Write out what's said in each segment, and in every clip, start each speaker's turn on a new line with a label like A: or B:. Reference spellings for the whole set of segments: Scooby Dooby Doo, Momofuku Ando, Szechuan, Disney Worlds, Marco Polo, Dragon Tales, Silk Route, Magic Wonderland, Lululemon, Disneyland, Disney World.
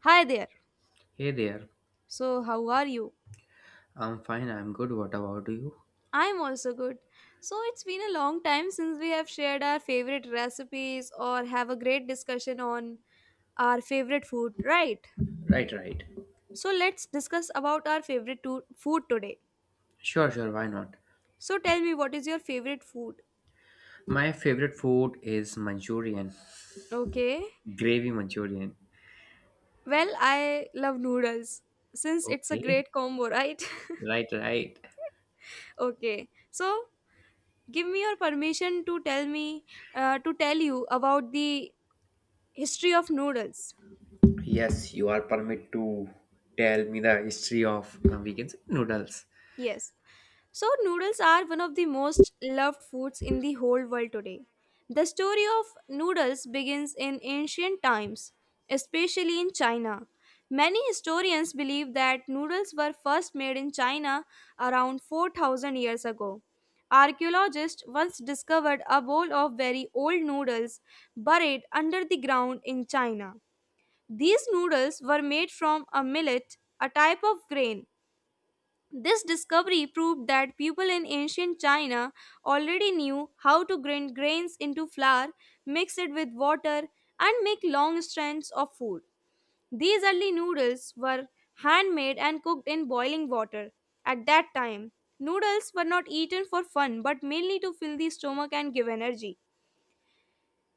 A: Hi there.
B: Hey there.
A: So, how are you?
B: I'm fine, I'm good. What about you?
A: I'm also good. So, it's been a long time since we have shared our favorite recipes or have a great discussion on our favorite food, right?
B: Right, right.
A: So, let's discuss about our favorite food today.
B: Sure, sure, why not?
A: So, tell me what is your favorite food?
B: My favorite food is Manchurian,
A: Okay.
B: gravy Manchurian.
A: Well, I love noodles since it's a
B: Okay.
A: great combo, right?
B: Right, right.
A: Okay. So, give me your permission to tell me to tell you about the history of noodles.
B: Yes, you are permitted to tell me the history of we can say noodles.
A: Yes. So, noodles are one of the most loved foods in the whole world today. The story of noodles begins in ancient times, especially in China. Many historians believe that noodles were first made in China around 4,000 years ago. Archaeologists once discovered a bowl of very old noodles buried under the ground in China. These noodles were made from a millet, a type of grain. This discovery proved that people in ancient China already knew how to grind grains into flour, mix it with water, and make long strands of food. These early noodles were handmade and cooked in boiling water. At that time, noodles were not eaten for fun but mainly to fill the stomach and give energy.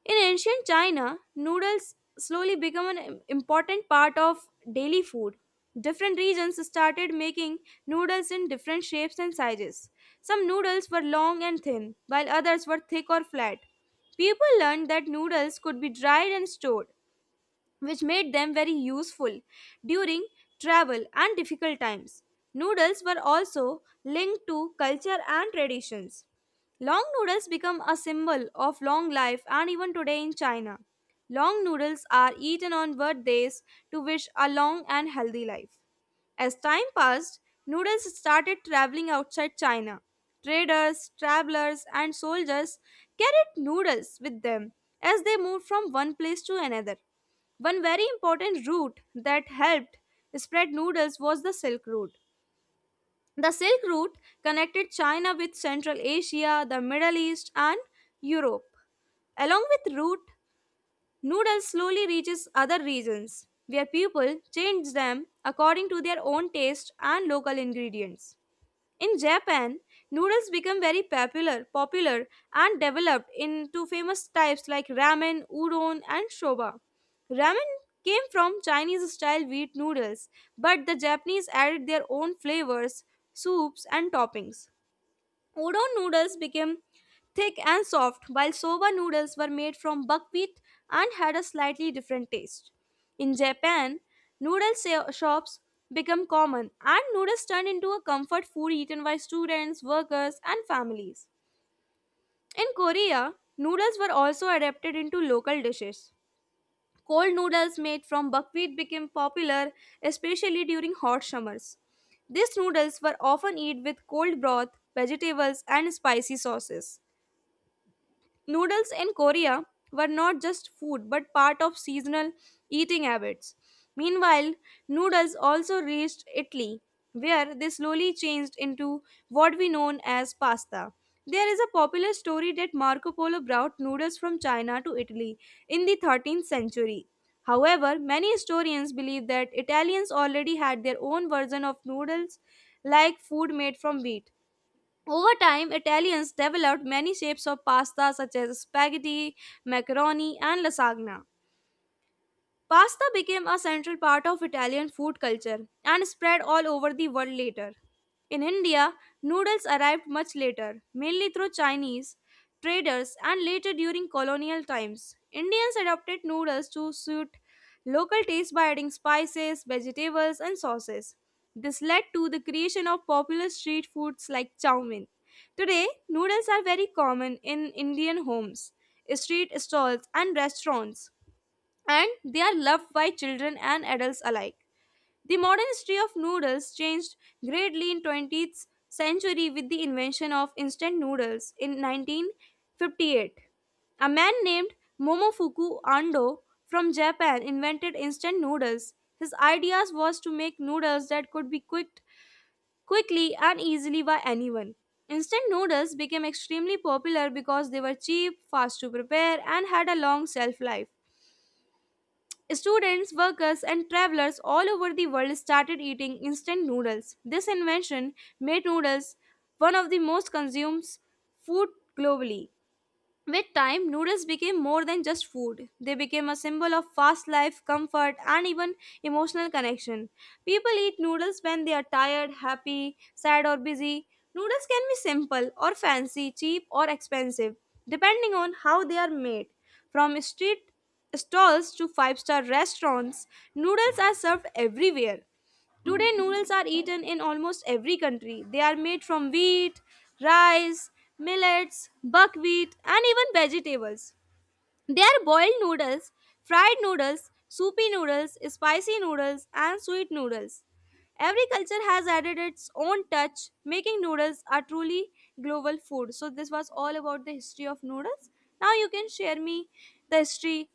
A: In ancient China, noodles slowly became an important part of daily food. Different regions started making noodles in different shapes and sizes. Some noodles were long and thin, while others were thick or flat. People learned that noodles could be dried and stored, which made them very useful during travel and difficult times. Noodles were also linked to culture and traditions. Long noodles become a symbol of long life, and even today in China, long noodles are eaten on birthdays to wish a long and healthy life. As time passed, noodles started traveling outside China. Traders, travelers, and soldiers carried noodles with them as they moved from one place to another. One very important route that helped spread noodles was the Silk Route. The Silk Route connected China with Central Asia, the Middle East, and Europe. Along with route, noodles slowly reaches other regions, where people change them according to their own taste and local ingredients. In Japan, noodles become very popular and developed into famous types like ramen, udon, and soba. Ramen came from Chinese style wheat noodles, but the Japanese added their own flavors, soups, and toppings. Udon noodles became thick and soft, while soba noodles were made from buckwheat and had a slightly different taste. In Japan, shops became common, and noodles turned into a comfort food eaten by students, workers, and families. In Korea, noodles were also adapted into local dishes. Cold noodles made from buckwheat became popular, especially during hot summers. These noodles were often eaten with cold broth, vegetables, and spicy sauces. Noodles in Korea were not just food but part of seasonal eating habits. Meanwhile, noodles also reached Italy, where they slowly changed into what we know as pasta. There is a popular story that Marco Polo brought noodles from China to Italy in the 13th century. However, many historians believe that Italians already had their own version of noodles, like food made from wheat. Over time, Italians developed many shapes of pasta such as spaghetti, macaroni, and lasagna. Pasta became a central part of Italian food culture and spread all over the world later. In India, noodles arrived much later, mainly through Chinese traders and later during colonial times. Indians adopted noodles to suit local tastes by adding spices, vegetables, and sauces. This led to the creation of popular street foods like chow mein. Today, noodles are very common in Indian homes, street stalls, and restaurants, and they are loved by children and adults alike. The modern history of noodles changed greatly in 20th century with the invention of instant noodles in 1958. A man named Momofuku Ando from Japan invented instant noodles. His ideas was to make noodles that could be cooked quickly and easily by anyone. Instant noodles became extremely popular because they were cheap, fast to prepare, and had a long shelf life. Students, workers, and travelers all over the world started eating instant noodles. This invention made noodles one of the most consumed food globally. With time, noodles became more than just food. They became a symbol of fast life, comfort, and even emotional connection. People eat noodles when they are tired, happy, sad, or busy. Noodles can be simple or fancy, cheap or expensive, depending on how they are made. From street stalls to five star restaurants, noodles are served everywhere. Today, noodles are eaten in almost every country. They are made from wheat, rice, millets, buckwheat, and even vegetables. They are boiled noodles, fried noodles, soupy noodles, spicy noodles, and sweet noodles. Every culture has added its own touch, making noodles a truly global food. So, this was all about the history of noodles. Now, you can share me the history,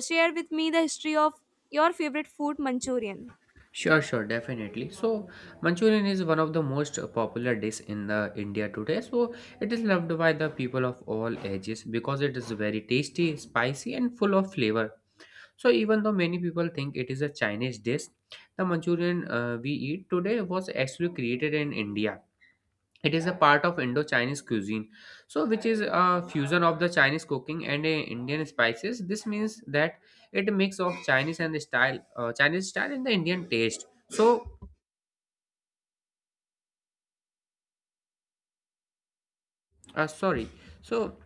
A: share with me the history of your favorite food, Manchurian.
B: Sure, sure, definitely. So, Manchurian is one of the most popular dish in the India today. So, it is loved by the people of all ages because it is very tasty, spicy, and full of flavor. So even though many people think it is a Chinese dish, the Manchurian we eat today was actually created in India. It is a part of Indo-Chinese cuisine, so which is a fusion of the Chinese cooking and Indian spices. This means that it mix of Chinese and Chinese style and the Indian taste. So sorry. So,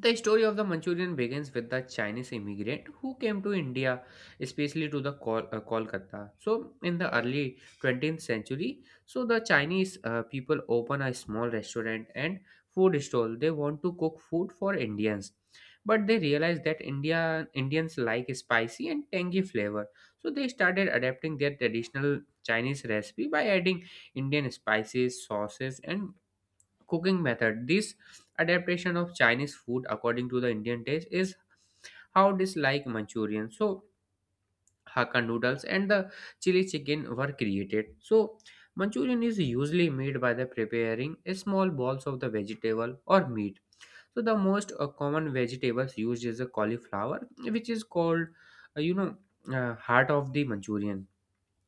B: the story of the Manchurian begins with the Chinese immigrant who came to India, especially to the Kolkata. So, in the early 20th century, so the Chinese people open a small restaurant and food stall. They want to cook food for Indians, but they realize that Indians like spicy and tangy flavor. So, they started adapting their traditional Chinese recipe by adding Indian spices, sauces, and cooking method. This adaptation of Chinese food according to the Indian taste is how dislike Manchurian. So Hakka noodles and the chili chicken were created. So Manchurian is usually made by the preparing small balls of the vegetable or meat. So the most common vegetables used is a cauliflower, which is called, uh, you know, heart of the Manchurian.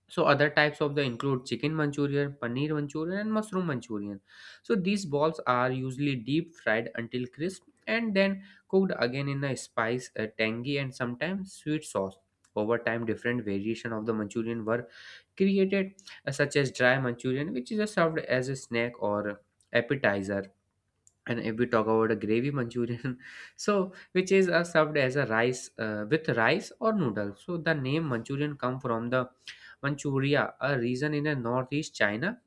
B: So other types of the include chicken Manchurian, paneer Manchurian, and mushroom Manchurian. So these balls are usually deep fried until crisp and then cooked again in a spice, a tangy, and sometimes sweet sauce. Over time, different variation of the Manchurian were created, such as dry Manchurian, which is served as a snack or appetizer. And if we talk about a gravy Manchurian, so which is served as a rice with rice or noodles. So the name Manchurian come from the Manchuria, a region in the northeast China.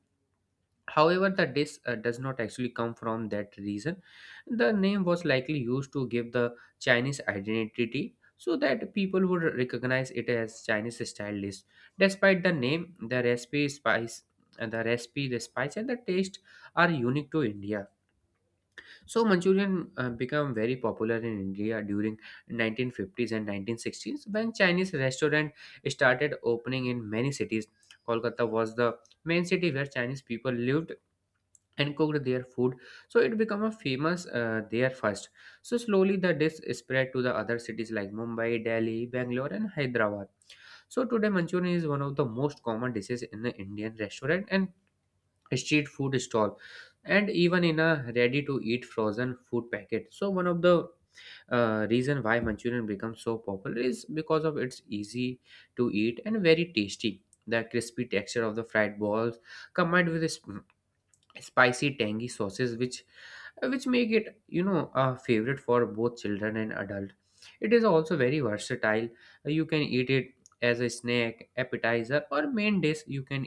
B: However, the dish does not actually come from that region. The name was likely used to give the Chinese identity so that people would recognize it as Chinese style dish. Despite the name, the recipe, the spice and the taste are unique to India. So Manchurian became very popular in India during 1950s and 1960s when Chinese restaurant started opening in many cities. Kolkata was the main city where Chinese people lived and cooked their food, so it became a famous there first. So slowly the dish spread to the other cities like Mumbai, Delhi, Bangalore, and Hyderabad. So today Manchurian is one of the most common dishes in the Indian restaurant and street food stall and even in a ready to eat frozen food packet. So one of the reason why Manchurian becomes so popular is because of its easy to eat and very tasty, the crispy texture of the fried balls combined with the spicy tangy sauces, which make it a favorite for both children and adult. It is also very versatile. You can eat it as a snack, appetizer, or main dish. You can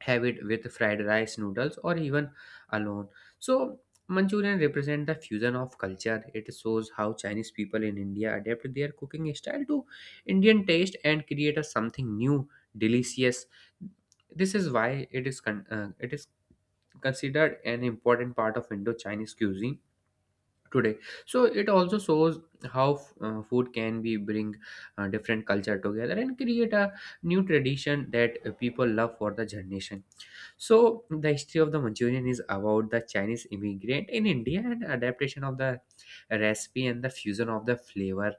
B: have it with fried rice, noodles, or even alone. So Manchurian represent the fusion of culture. It shows how Chinese people in India adapt their cooking style to Indian taste and create a something new delicious. This is why it is considered an important part of Indo Chinese cuisine today. So it also shows how food can be bring different culture together and create a new tradition that people love for the generation. So, the history of the Manchurian is about the Chinese immigrant in India and adaptation of the recipe and the fusion of the flavor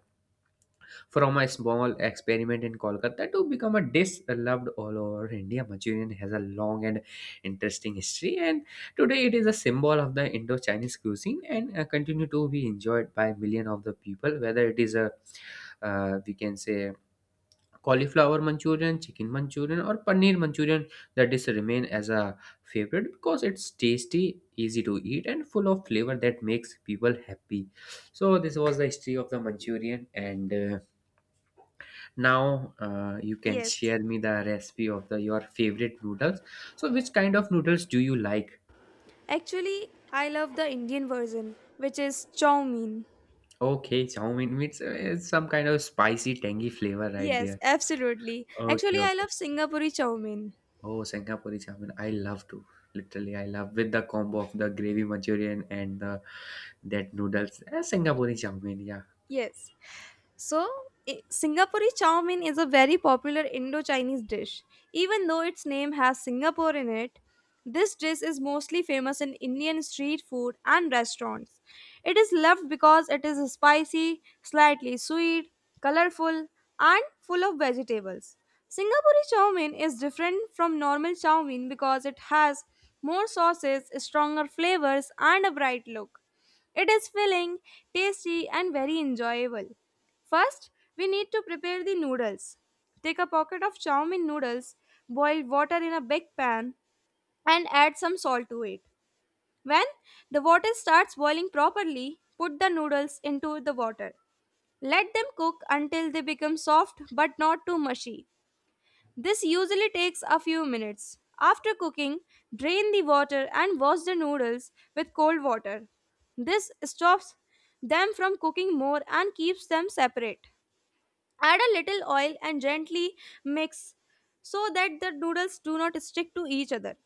B: from a small experiment in Kolkata to become a dish loved all over India. Manchurian has a long and interesting history, and today it is a symbol of the Indo-Chinese cuisine and continue to be enjoyed by millions of the people. Whether it is a we can say Cauliflower Manchurian, Chicken Manchurian, or Paneer Manchurian, that is remain as a favorite because it's tasty, easy to eat, and full of flavor that makes people happy. So this was the history of the Manchurian, and now you can
A: Yes.
B: share me the recipe of the your favorite noodles. So which kind of noodles do you like?
A: Actually, I love the Indian version, which is chow mein.
B: Okay, chow mein means it's some kind of spicy, tangy flavor right
A: Yes,
B: there.
A: absolutely.
B: Okay,
A: Actually, I
B: okay.
A: love Singapore chow mein.
B: Oh, Sangapore chamin. I love to. Literally, I love with the combo of the gravy Manchurian and the that noodles. Singapore chamin. Yeah,
A: Yes. So, Singapore chowmin is a very popular Indo-Chinese dish. Even though its name has Singapore in it, this dish is mostly famous in Indian street food and restaurants. It is loved because it is spicy, slightly sweet, colorful, and full of vegetables. Singapore chowmin is different from normal chowmin because it has more sauces, stronger flavors, and a bright look. It is filling, tasty, and very enjoyable. First, we need to prepare the noodles. Take a pocket of chow mein noodles, boil water in a big pan, and add some salt to it. When the water starts boiling properly, put the noodles into the water. Let them cook until they become soft but not too mushy. This usually takes a few minutes. After cooking, drain the water and wash the noodles with cold water. This stops them from cooking more and keeps them separate. Add a little oil and gently mix so that the noodles do not stick to each other.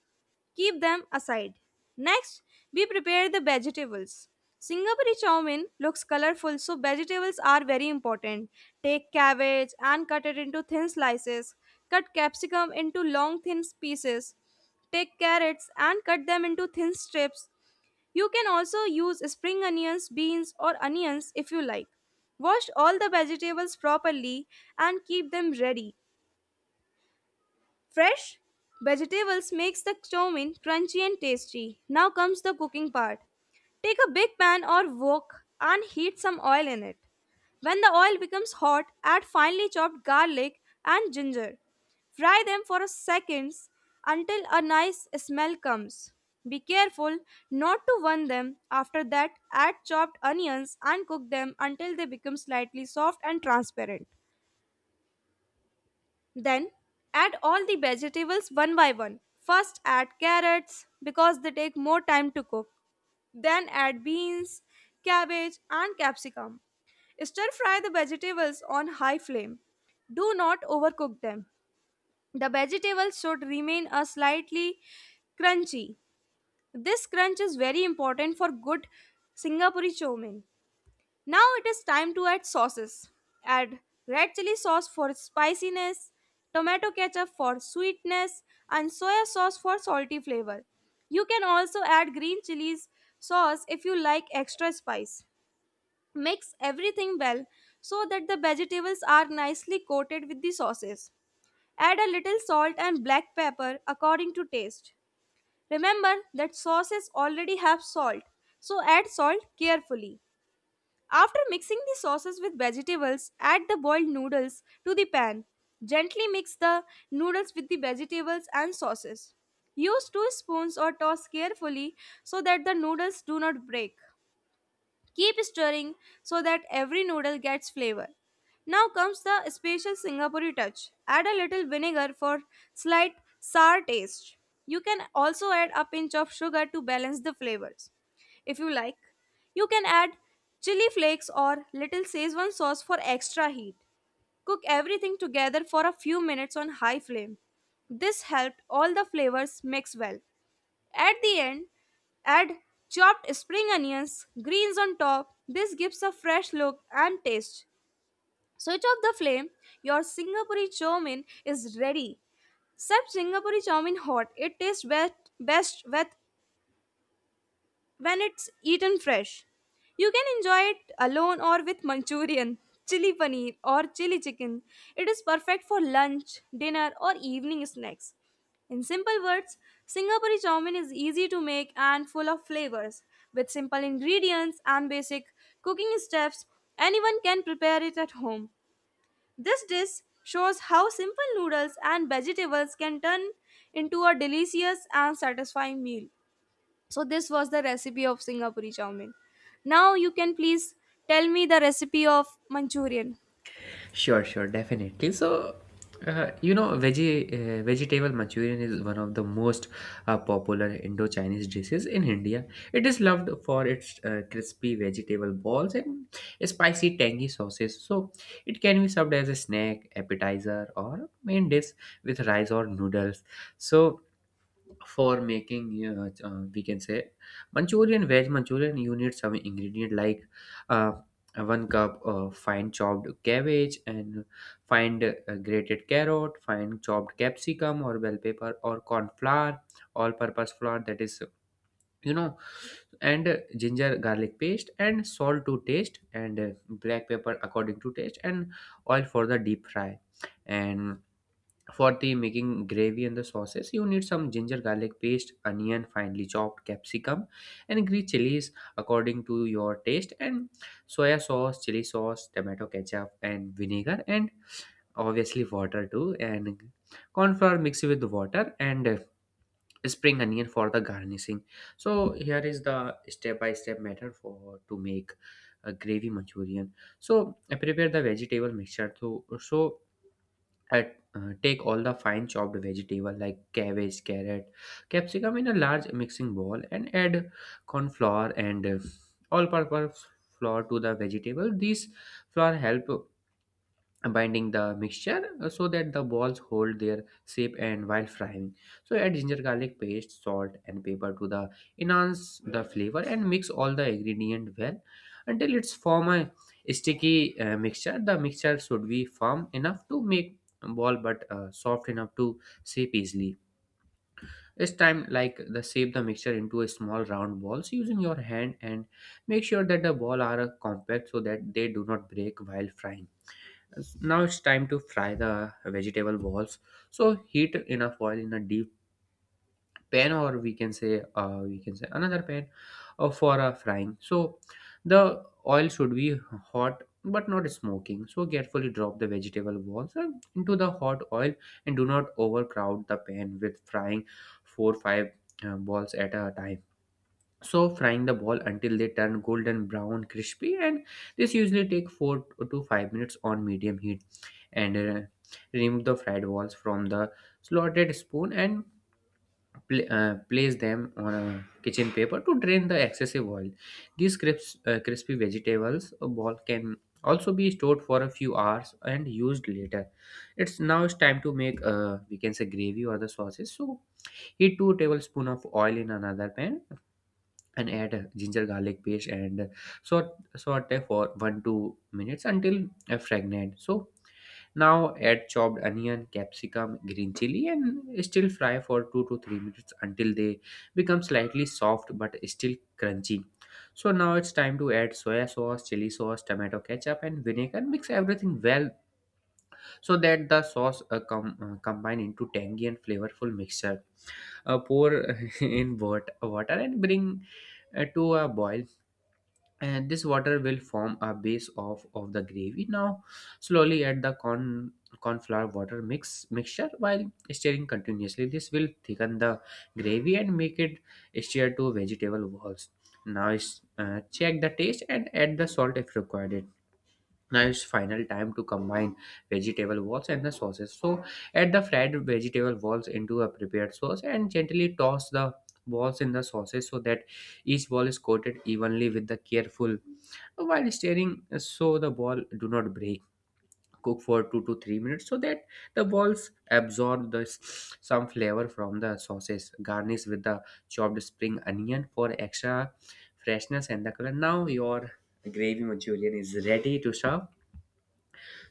A: Keep them aside. Next, we prepare the vegetables. Singapore chow mein looks colorful, so vegetables are very important. Take cabbage and cut it into thin slices. Cut capsicum into long thin pieces. Take carrots and cut them into thin strips. You can also use spring onions, beans, or onions if you like. Wash all the vegetables properly and keep them ready. Fresh vegetables makes the chow mein crunchy and tasty. Now comes the cooking part. Take a big pan or wok and heat some oil in it. When the oil becomes hot, add finely chopped garlic and ginger. Fry them for a seconds until a nice smell comes. Be careful not to burn them. After that, add chopped onions and cook them until they become slightly soft and transparent. Then add all the vegetables one by one. First add carrots because they take more time to cook. Then add beans, cabbage, and capsicum. Stir fry the vegetables on high flame. Do not overcook them. The vegetables should remain a slightly crunchy. This crunch is very important for good Singapore chow mein. Now it is time to add sauces. Add red chili sauce for spiciness, tomato ketchup for sweetness, and soya sauce for salty flavor. You can also add green chilies sauce if you like extra spice. Mix everything well so that the vegetables are nicely coated with the sauces. Add a little salt and black pepper according to taste. Remember that sauces already have salt, so add salt carefully. After mixing the sauces with vegetables, add the boiled noodles to the pan. Gently mix the noodles with the vegetables and sauces. Use two spoons or toss carefully so that the noodles do not break. Keep stirring so that every noodle gets flavor. Now comes the special Singapore touch. Add a little vinegar for slight sour taste. You can also add a pinch of sugar to balance the flavors. If you like, you can add chili flakes or little Szechuan sauce for extra heat. Cook everything together for a few minutes on high flame. This helped all the flavors mix well. At the end, add chopped spring onions, greens on top. This gives a fresh look and taste. Switch off the flame. Your Singapore chow mein is ready. Serve Singapore chow mein hot. It tastes best with when it's eaten fresh. You can enjoy it alone or with Manchurian, chili paneer, or chili chicken. It is perfect for lunch, dinner, or evening snacks. In simple words, Singapore chow mein is easy to make and full of flavors. With simple ingredients and basic cooking steps, anyone can prepare it at home. This dish shows how simple noodles and vegetables can turn into a delicious and satisfying meal. So this was the recipe of Singapore chow mein. Now you can please tell me the recipe of Manchurian.
B: sure, sure, definitely. So, veggie vegetable Manchurian is one of the most popular Indo-Chinese dishes in India. It is loved for its crispy vegetable balls and spicy tangy sauces. So, it can be served as a snack, appetizer, or main dish with rice or noodles. So for making we can say manchurian veg Manchurian, you need some ingredient like uh, one cup fine chopped cabbage and fine grated carrot, fine chopped capsicum or bell pepper, or corn flour, all purpose flour, that is, you know and ginger garlic paste, and salt to taste, and black pepper according to taste, and oil for the deep fry. And for the making gravy and the sauces, you need some ginger garlic paste, onion, finely chopped capsicum, and green chilies according to your taste, and soya sauce, chili sauce, tomato ketchup, and vinegar, and obviously water too, and cornflour mixed with water and spring onion for the garnishing. So here is the step-by-step method for to make a gravy Manchurian. So I prepare the vegetable mixture too. So take all the fine chopped vegetable like cabbage, carrot, capsicum in a large mixing bowl and add corn flour and all purpose flour to the vegetable. These flour help binding the mixture, so that the balls hold their shape and while frying. So add ginger garlic paste, salt, and pepper to the enhance the flavor and mix all the ingredient well until it's form a sticky mixture. The mixture should be firm enough to make ball but soft enough to shape easily. This time, like, the shape the mixture into a small round balls using your hand and make sure that the ball are compact so that they do not break while frying. Now it's time to fry the vegetable balls. So heat enough oil in a deep pan, or we can say another pan, for frying. So the oil should be hot but not smoking. So carefully drop the vegetable balls into the hot oil and do not overcrowd the pan with frying four five balls at a time. So frying the ball until they turn golden brown crispy, and this usually take 4 to 5 minutes on medium heat, and remove the fried balls from the slotted spoon and place them on a kitchen paper to drain the excessive oil. These crispy vegetables ball can also be stored for a few hours and used later. It's now it's time to make we can say gravy or the sauces. So heat 2 tablespoon of oil in another pan and add ginger garlic paste and saute for one two minutes until fragrant. So now add chopped onion, capsicum, green chili, and still fry for 2 to 3 minutes until they become slightly soft but still crunchy. So now it's time to add soya sauce, chili sauce, tomato ketchup, and vinegar. Mix everything well so that the sauce combine into tangy and flavorful mixture. Pour in water and bring to a boil, and this water will form a base of the gravy. Now slowly add the corn flour water mixture while stirring continuously. This will thicken the gravy and make it stir to vegetable walls. Now check the taste and add the salt if required. Now it's final time to combine vegetable walls and the sauces, so add the fried vegetable balls into a prepared sauce and gently toss the balls in the sauces so that each ball is coated evenly with the careful while stirring so the ball do not break. Cook for 2 to 3 minutes so that the balls absorb some flavor from the sauces. Garnish with the chopped spring onion for extra freshness and the color. Now your gravy manchurian is ready to serve.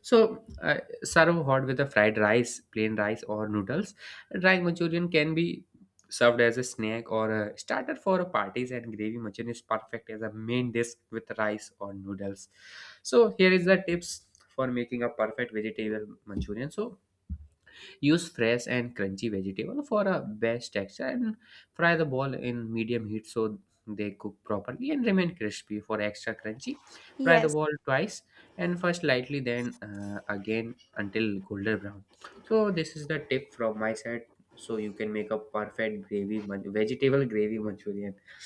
B: so, uh, Serve hot with a fried rice, plain rice, or noodles. Drying Manchurian can be served as a snack or a starter for a parties, and gravy manchurian is perfect as a main dish with rice or noodles. So, here is the tips for making a perfect vegetable manchurian. So, use fresh and crunchy vegetable for a best texture, and fry the ball in medium heat so they cook properly and remain crispy for extra crunchy. Fry the
A: Yes.
B: ball twice, and first lightly then again until golden brown. So this is the tip from my side so you can make a perfect vegetable gravy manchurian.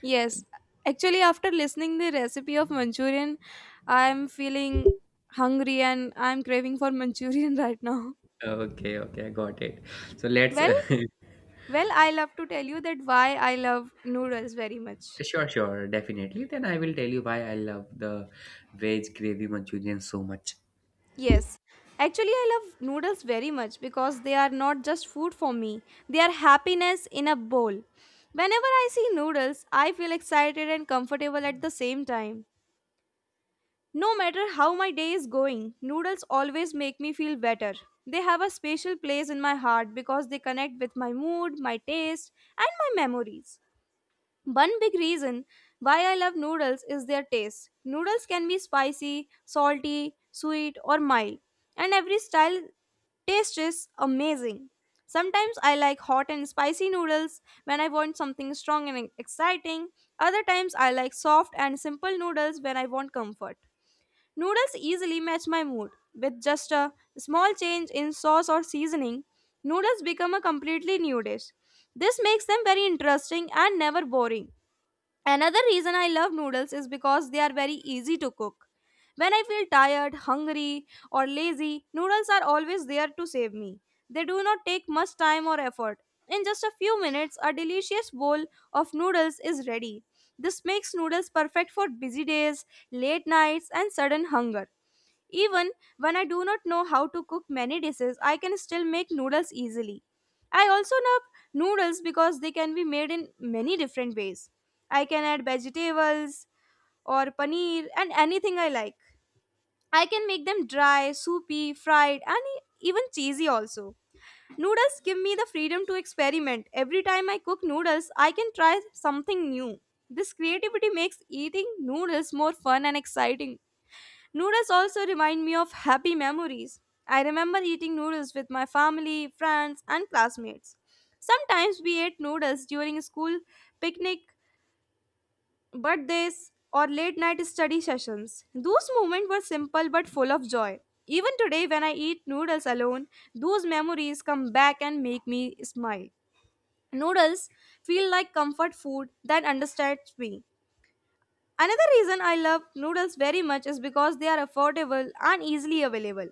A: Yes. Actually after listening the recipe of Manchurian, I am feeling hungry and I am craving for Manchurian right now.
B: Okay, okay, I got it. So let's
A: Well, well, I love to tell you that why I love noodles very much.
B: sure, sure, definitely. Then I will tell you why I love the veg gravy manchurian so much.
A: Yes. Actually, I love noodles very much because they are not just food for me, they are happiness in a bowl. Whenever I see noodles, I feel excited and comfortable at the same time. No matter how my day is going, noodles always make me feel better. They have a special place in my heart because they connect with my mood, my taste, and my memories. One big reason why I love noodles is their taste. Noodles can be spicy, salty, sweet, or mild, and every style taste is amazing. Sometimes I like hot and spicy noodles when I want something strong and exciting. Other times I like soft and simple noodles when I want comfort. Noodles easily match my mood. With just a small change in sauce or seasoning, noodles become a completely new dish. This makes them very interesting and never boring. Another reason I love noodles is because they are very easy to cook. When I feel tired, hungry, or lazy, noodles are always there to save me. They do not take much time or effort. In just a few minutes, a delicious bowl of noodles is ready. This makes noodles perfect for busy days, late nights, and sudden hunger. Even when I do not know how to cook many dishes, I can still make noodles easily. I also love noodles because they can be made in many different ways. I can add vegetables or paneer and anything I like. I can make them dry, soupy, fried, and even cheesy also. Noodles give me the freedom to experiment. Every time I cook noodles, I can try something new. This creativity makes eating noodles more fun and exciting. Noodles also remind me of happy memories. I remember eating noodles with my family, friends, and classmates. Sometimes we ate noodles during school picnic, birthdays, or late night study sessions. Those moments were simple but full of joy. Even today, when I eat noodles alone, those memories come back and make me smile. Noodles feel like comfort food that understands me. Another reason I love noodles very much is because they are affordable and easily available.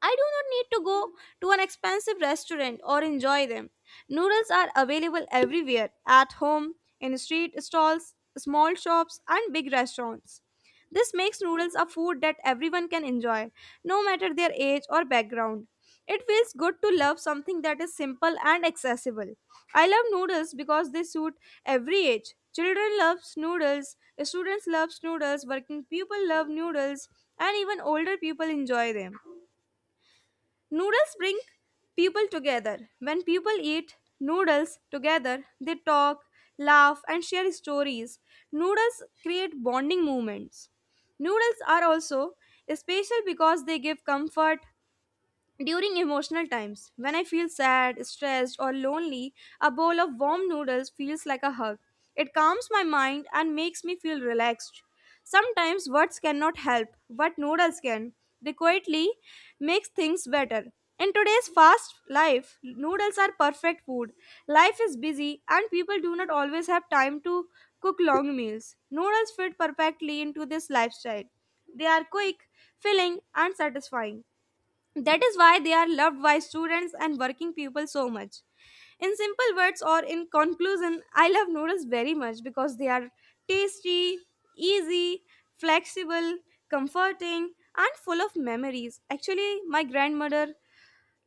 A: I do not need to go to an expensive restaurant or enjoy them. Noodles are available everywhere at home, in street stalls, small shops, and big restaurants. This makes noodles a food that everyone can enjoy, no matter their age or background. It feels good to love something that is simple and accessible. I love noodles because they suit every age. Children love noodles, students love noodles, working people love noodles, and even older people enjoy them. Noodles bring people together. When people eat noodles together, they talk, laugh, and share stories. Noodles create bonding moments. Noodles are also special because they give comfort, during emotional times, when I feel sad, stressed, or lonely, a bowl of warm noodles feels like a hug. It calms my mind and makes me feel relaxed. Sometimes words cannot help, but noodles can. They quietly make things better. In today's fast life, noodles are perfect food. Life is busy and people do not always have time to cook long meals. Noodles fit perfectly into this lifestyle. They are quick, filling, and satisfying. That is why they are loved by students and working people so much. In simple words or in conclusion, I love noodles very much because they are tasty, easy, flexible, comforting, and full of memories. Actually, my grandmother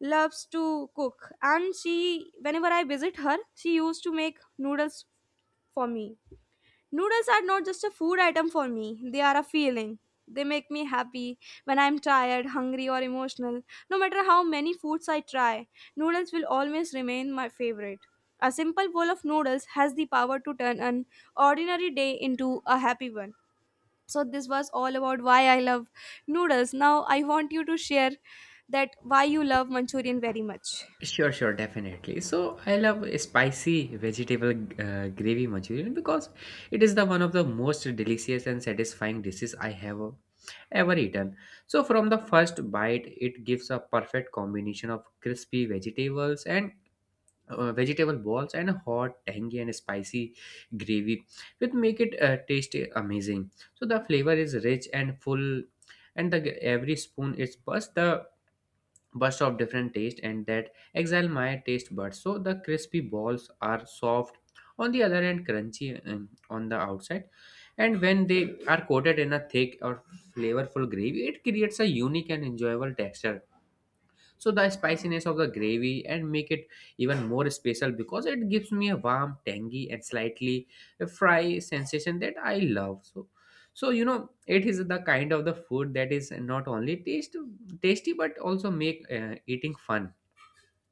A: loves to cook and she whenever I visit her, she used to make noodles for me. Noodles are not just a food item for me, they are a feeling. They make me happy when I'm tired, hungry, or emotional. No matter how many foods I try, noodles will always remain my favorite. A simple bowl of noodles has the power to turn an ordinary day into a happy one. So, this was all about why I love noodles. Now, I want you to share that why you love Manchurian very much.
B: Sure, sure, definitely. So I love spicy vegetable gravy Manchurian because it is the one of the most delicious and satisfying dishes I have ever eaten. So from the first bite, it gives a perfect combination of crispy vegetables and vegetable balls and a hot, tangy and spicy gravy, which make it taste amazing. So the flavor is rich and full, and the every spoon is burst the burst of different taste, and that excite my taste buds. So the crispy balls are soft on the other end, crunchy on the outside, and when they are coated in a thick or flavorful gravy, it creates a unique and enjoyable texture. So the spiciness of the gravy and make it even more special because it gives me a warm tangy and slightly fry sensation that I love. So, so you know, it is the kind of the food that is not only taste tasty but also make eating fun.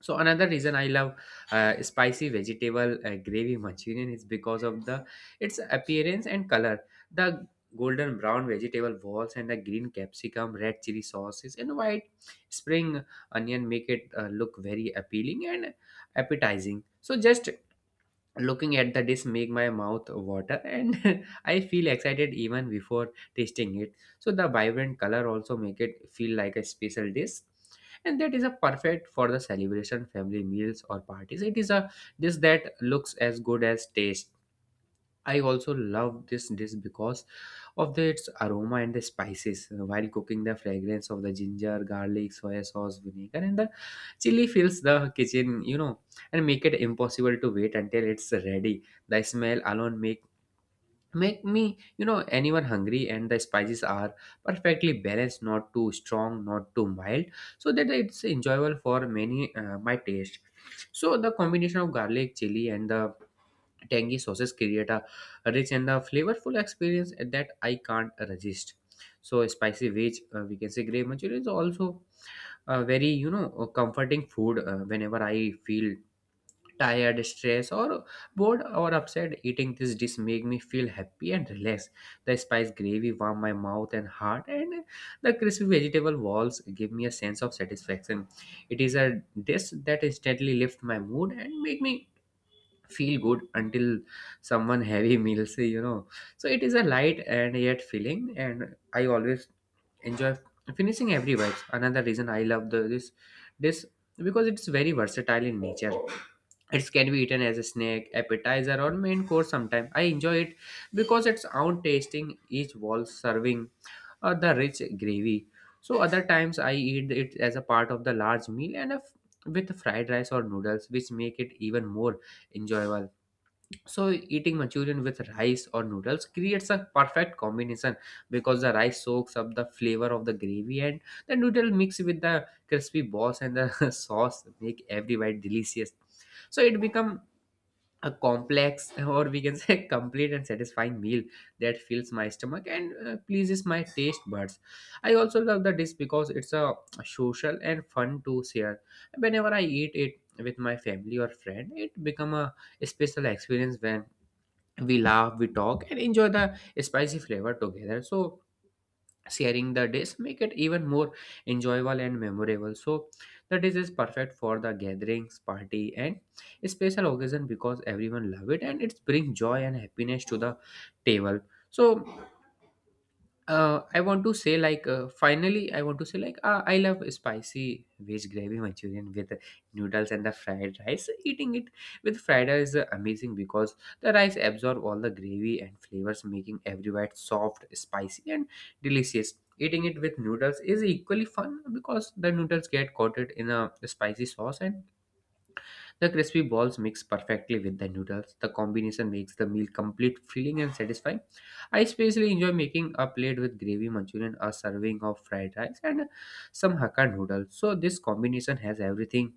B: So another reason I love spicy vegetable gravy Manchurian is because of the its appearance and color. The golden brown vegetable balls and the green capsicum, red chili sauces, and white spring onion make it look very appealing and appetizing. So just looking at the dish make my mouth water, and I feel excited even before tasting it. So the vibrant color also make it feel like a special dish, and that is a perfect for the celebration, family meals or parties. It is a dish that looks as good as taste. I also love this dish because of its aroma and the spices. While cooking, the fragrance of the ginger garlic soy sauce vinegar and the chili fills the kitchen, you know, and make it impossible to wait until it's ready. The smell alone make me, you know, anyone hungry, and the spices are perfectly balanced, not too strong, not too mild, so that it's enjoyable for many my taste. So the combination of garlic chili and the tangy sauces create a rich and a flavorful experience that I can't resist. So spicy veg, we can say grey manchurian is also a very, you know, a comforting food. Whenever I feel tired, stressed, or bored or upset, eating this dish make me feel happy and relaxed. The spice gravy warm my mouth and heart, and the crispy vegetable walls give me a sense of satisfaction. It is a dish that instantly lifts my mood and make me feel good until someone heavy meals, you know. So it is a light and yet filling, and I always enjoy finishing every bite. Another reason I love this dish because it's very versatile in nature. It can be eaten as a snack, appetizer or main course. Sometime I enjoy it because it's out tasting each wall serving or the rich gravy. So other times I eat it as a part of the large meal and with fried rice or noodles, which make it even more enjoyable. So eating Manchurian with rice or noodles creates a perfect combination because the rice soaks up the flavor of the gravy, and the noodle mix with the crispy balls and the sauce make every bite delicious. So it become a complex or we can say complete and satisfying meal that fills my stomach and pleases my taste buds. I also love the dish because it's a social and fun to share. Whenever I eat it with my family or friend, it become a special experience when we laugh, we talk and enjoy the spicy flavor together. So sharing the dish make it even more enjoyable and memorable. So the dish is perfect for the gatherings, party and special occasion because everyone love it and it brings joy and happiness to the table. So, I want to say like finally I want to say I love spicy veg gravy Manchurian with noodles and the fried rice. Eating it with fried rice is amazing because the rice absorb all the gravy and flavors, making every bite soft, spicy, and delicious. Eating it with noodles is equally fun because the noodles get coated in a spicy sauce and the crispy balls mix perfectly with the noodles. The combination makes the meal complete, filling, and satisfying. I especially enjoy making a plate with gravy manchurian, a serving of fried rice, and some Hakka noodles. So, this combination has everything: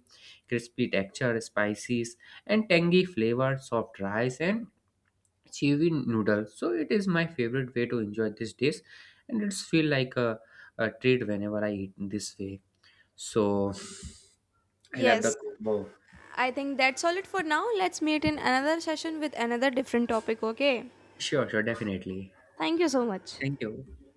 B: crispy texture, spices, and tangy flavor, soft rice, and chewy noodles. So, it is my favorite way to enjoy this dish, and it's feel like a treat whenever I eat in this way. So, I love the
A: Yes,
B: combo.
A: I think that's all it for now. Let's meet in another session with another different topic, okay?
B: Sure, sure, definitely.
A: Thank you so much.
B: Thank you.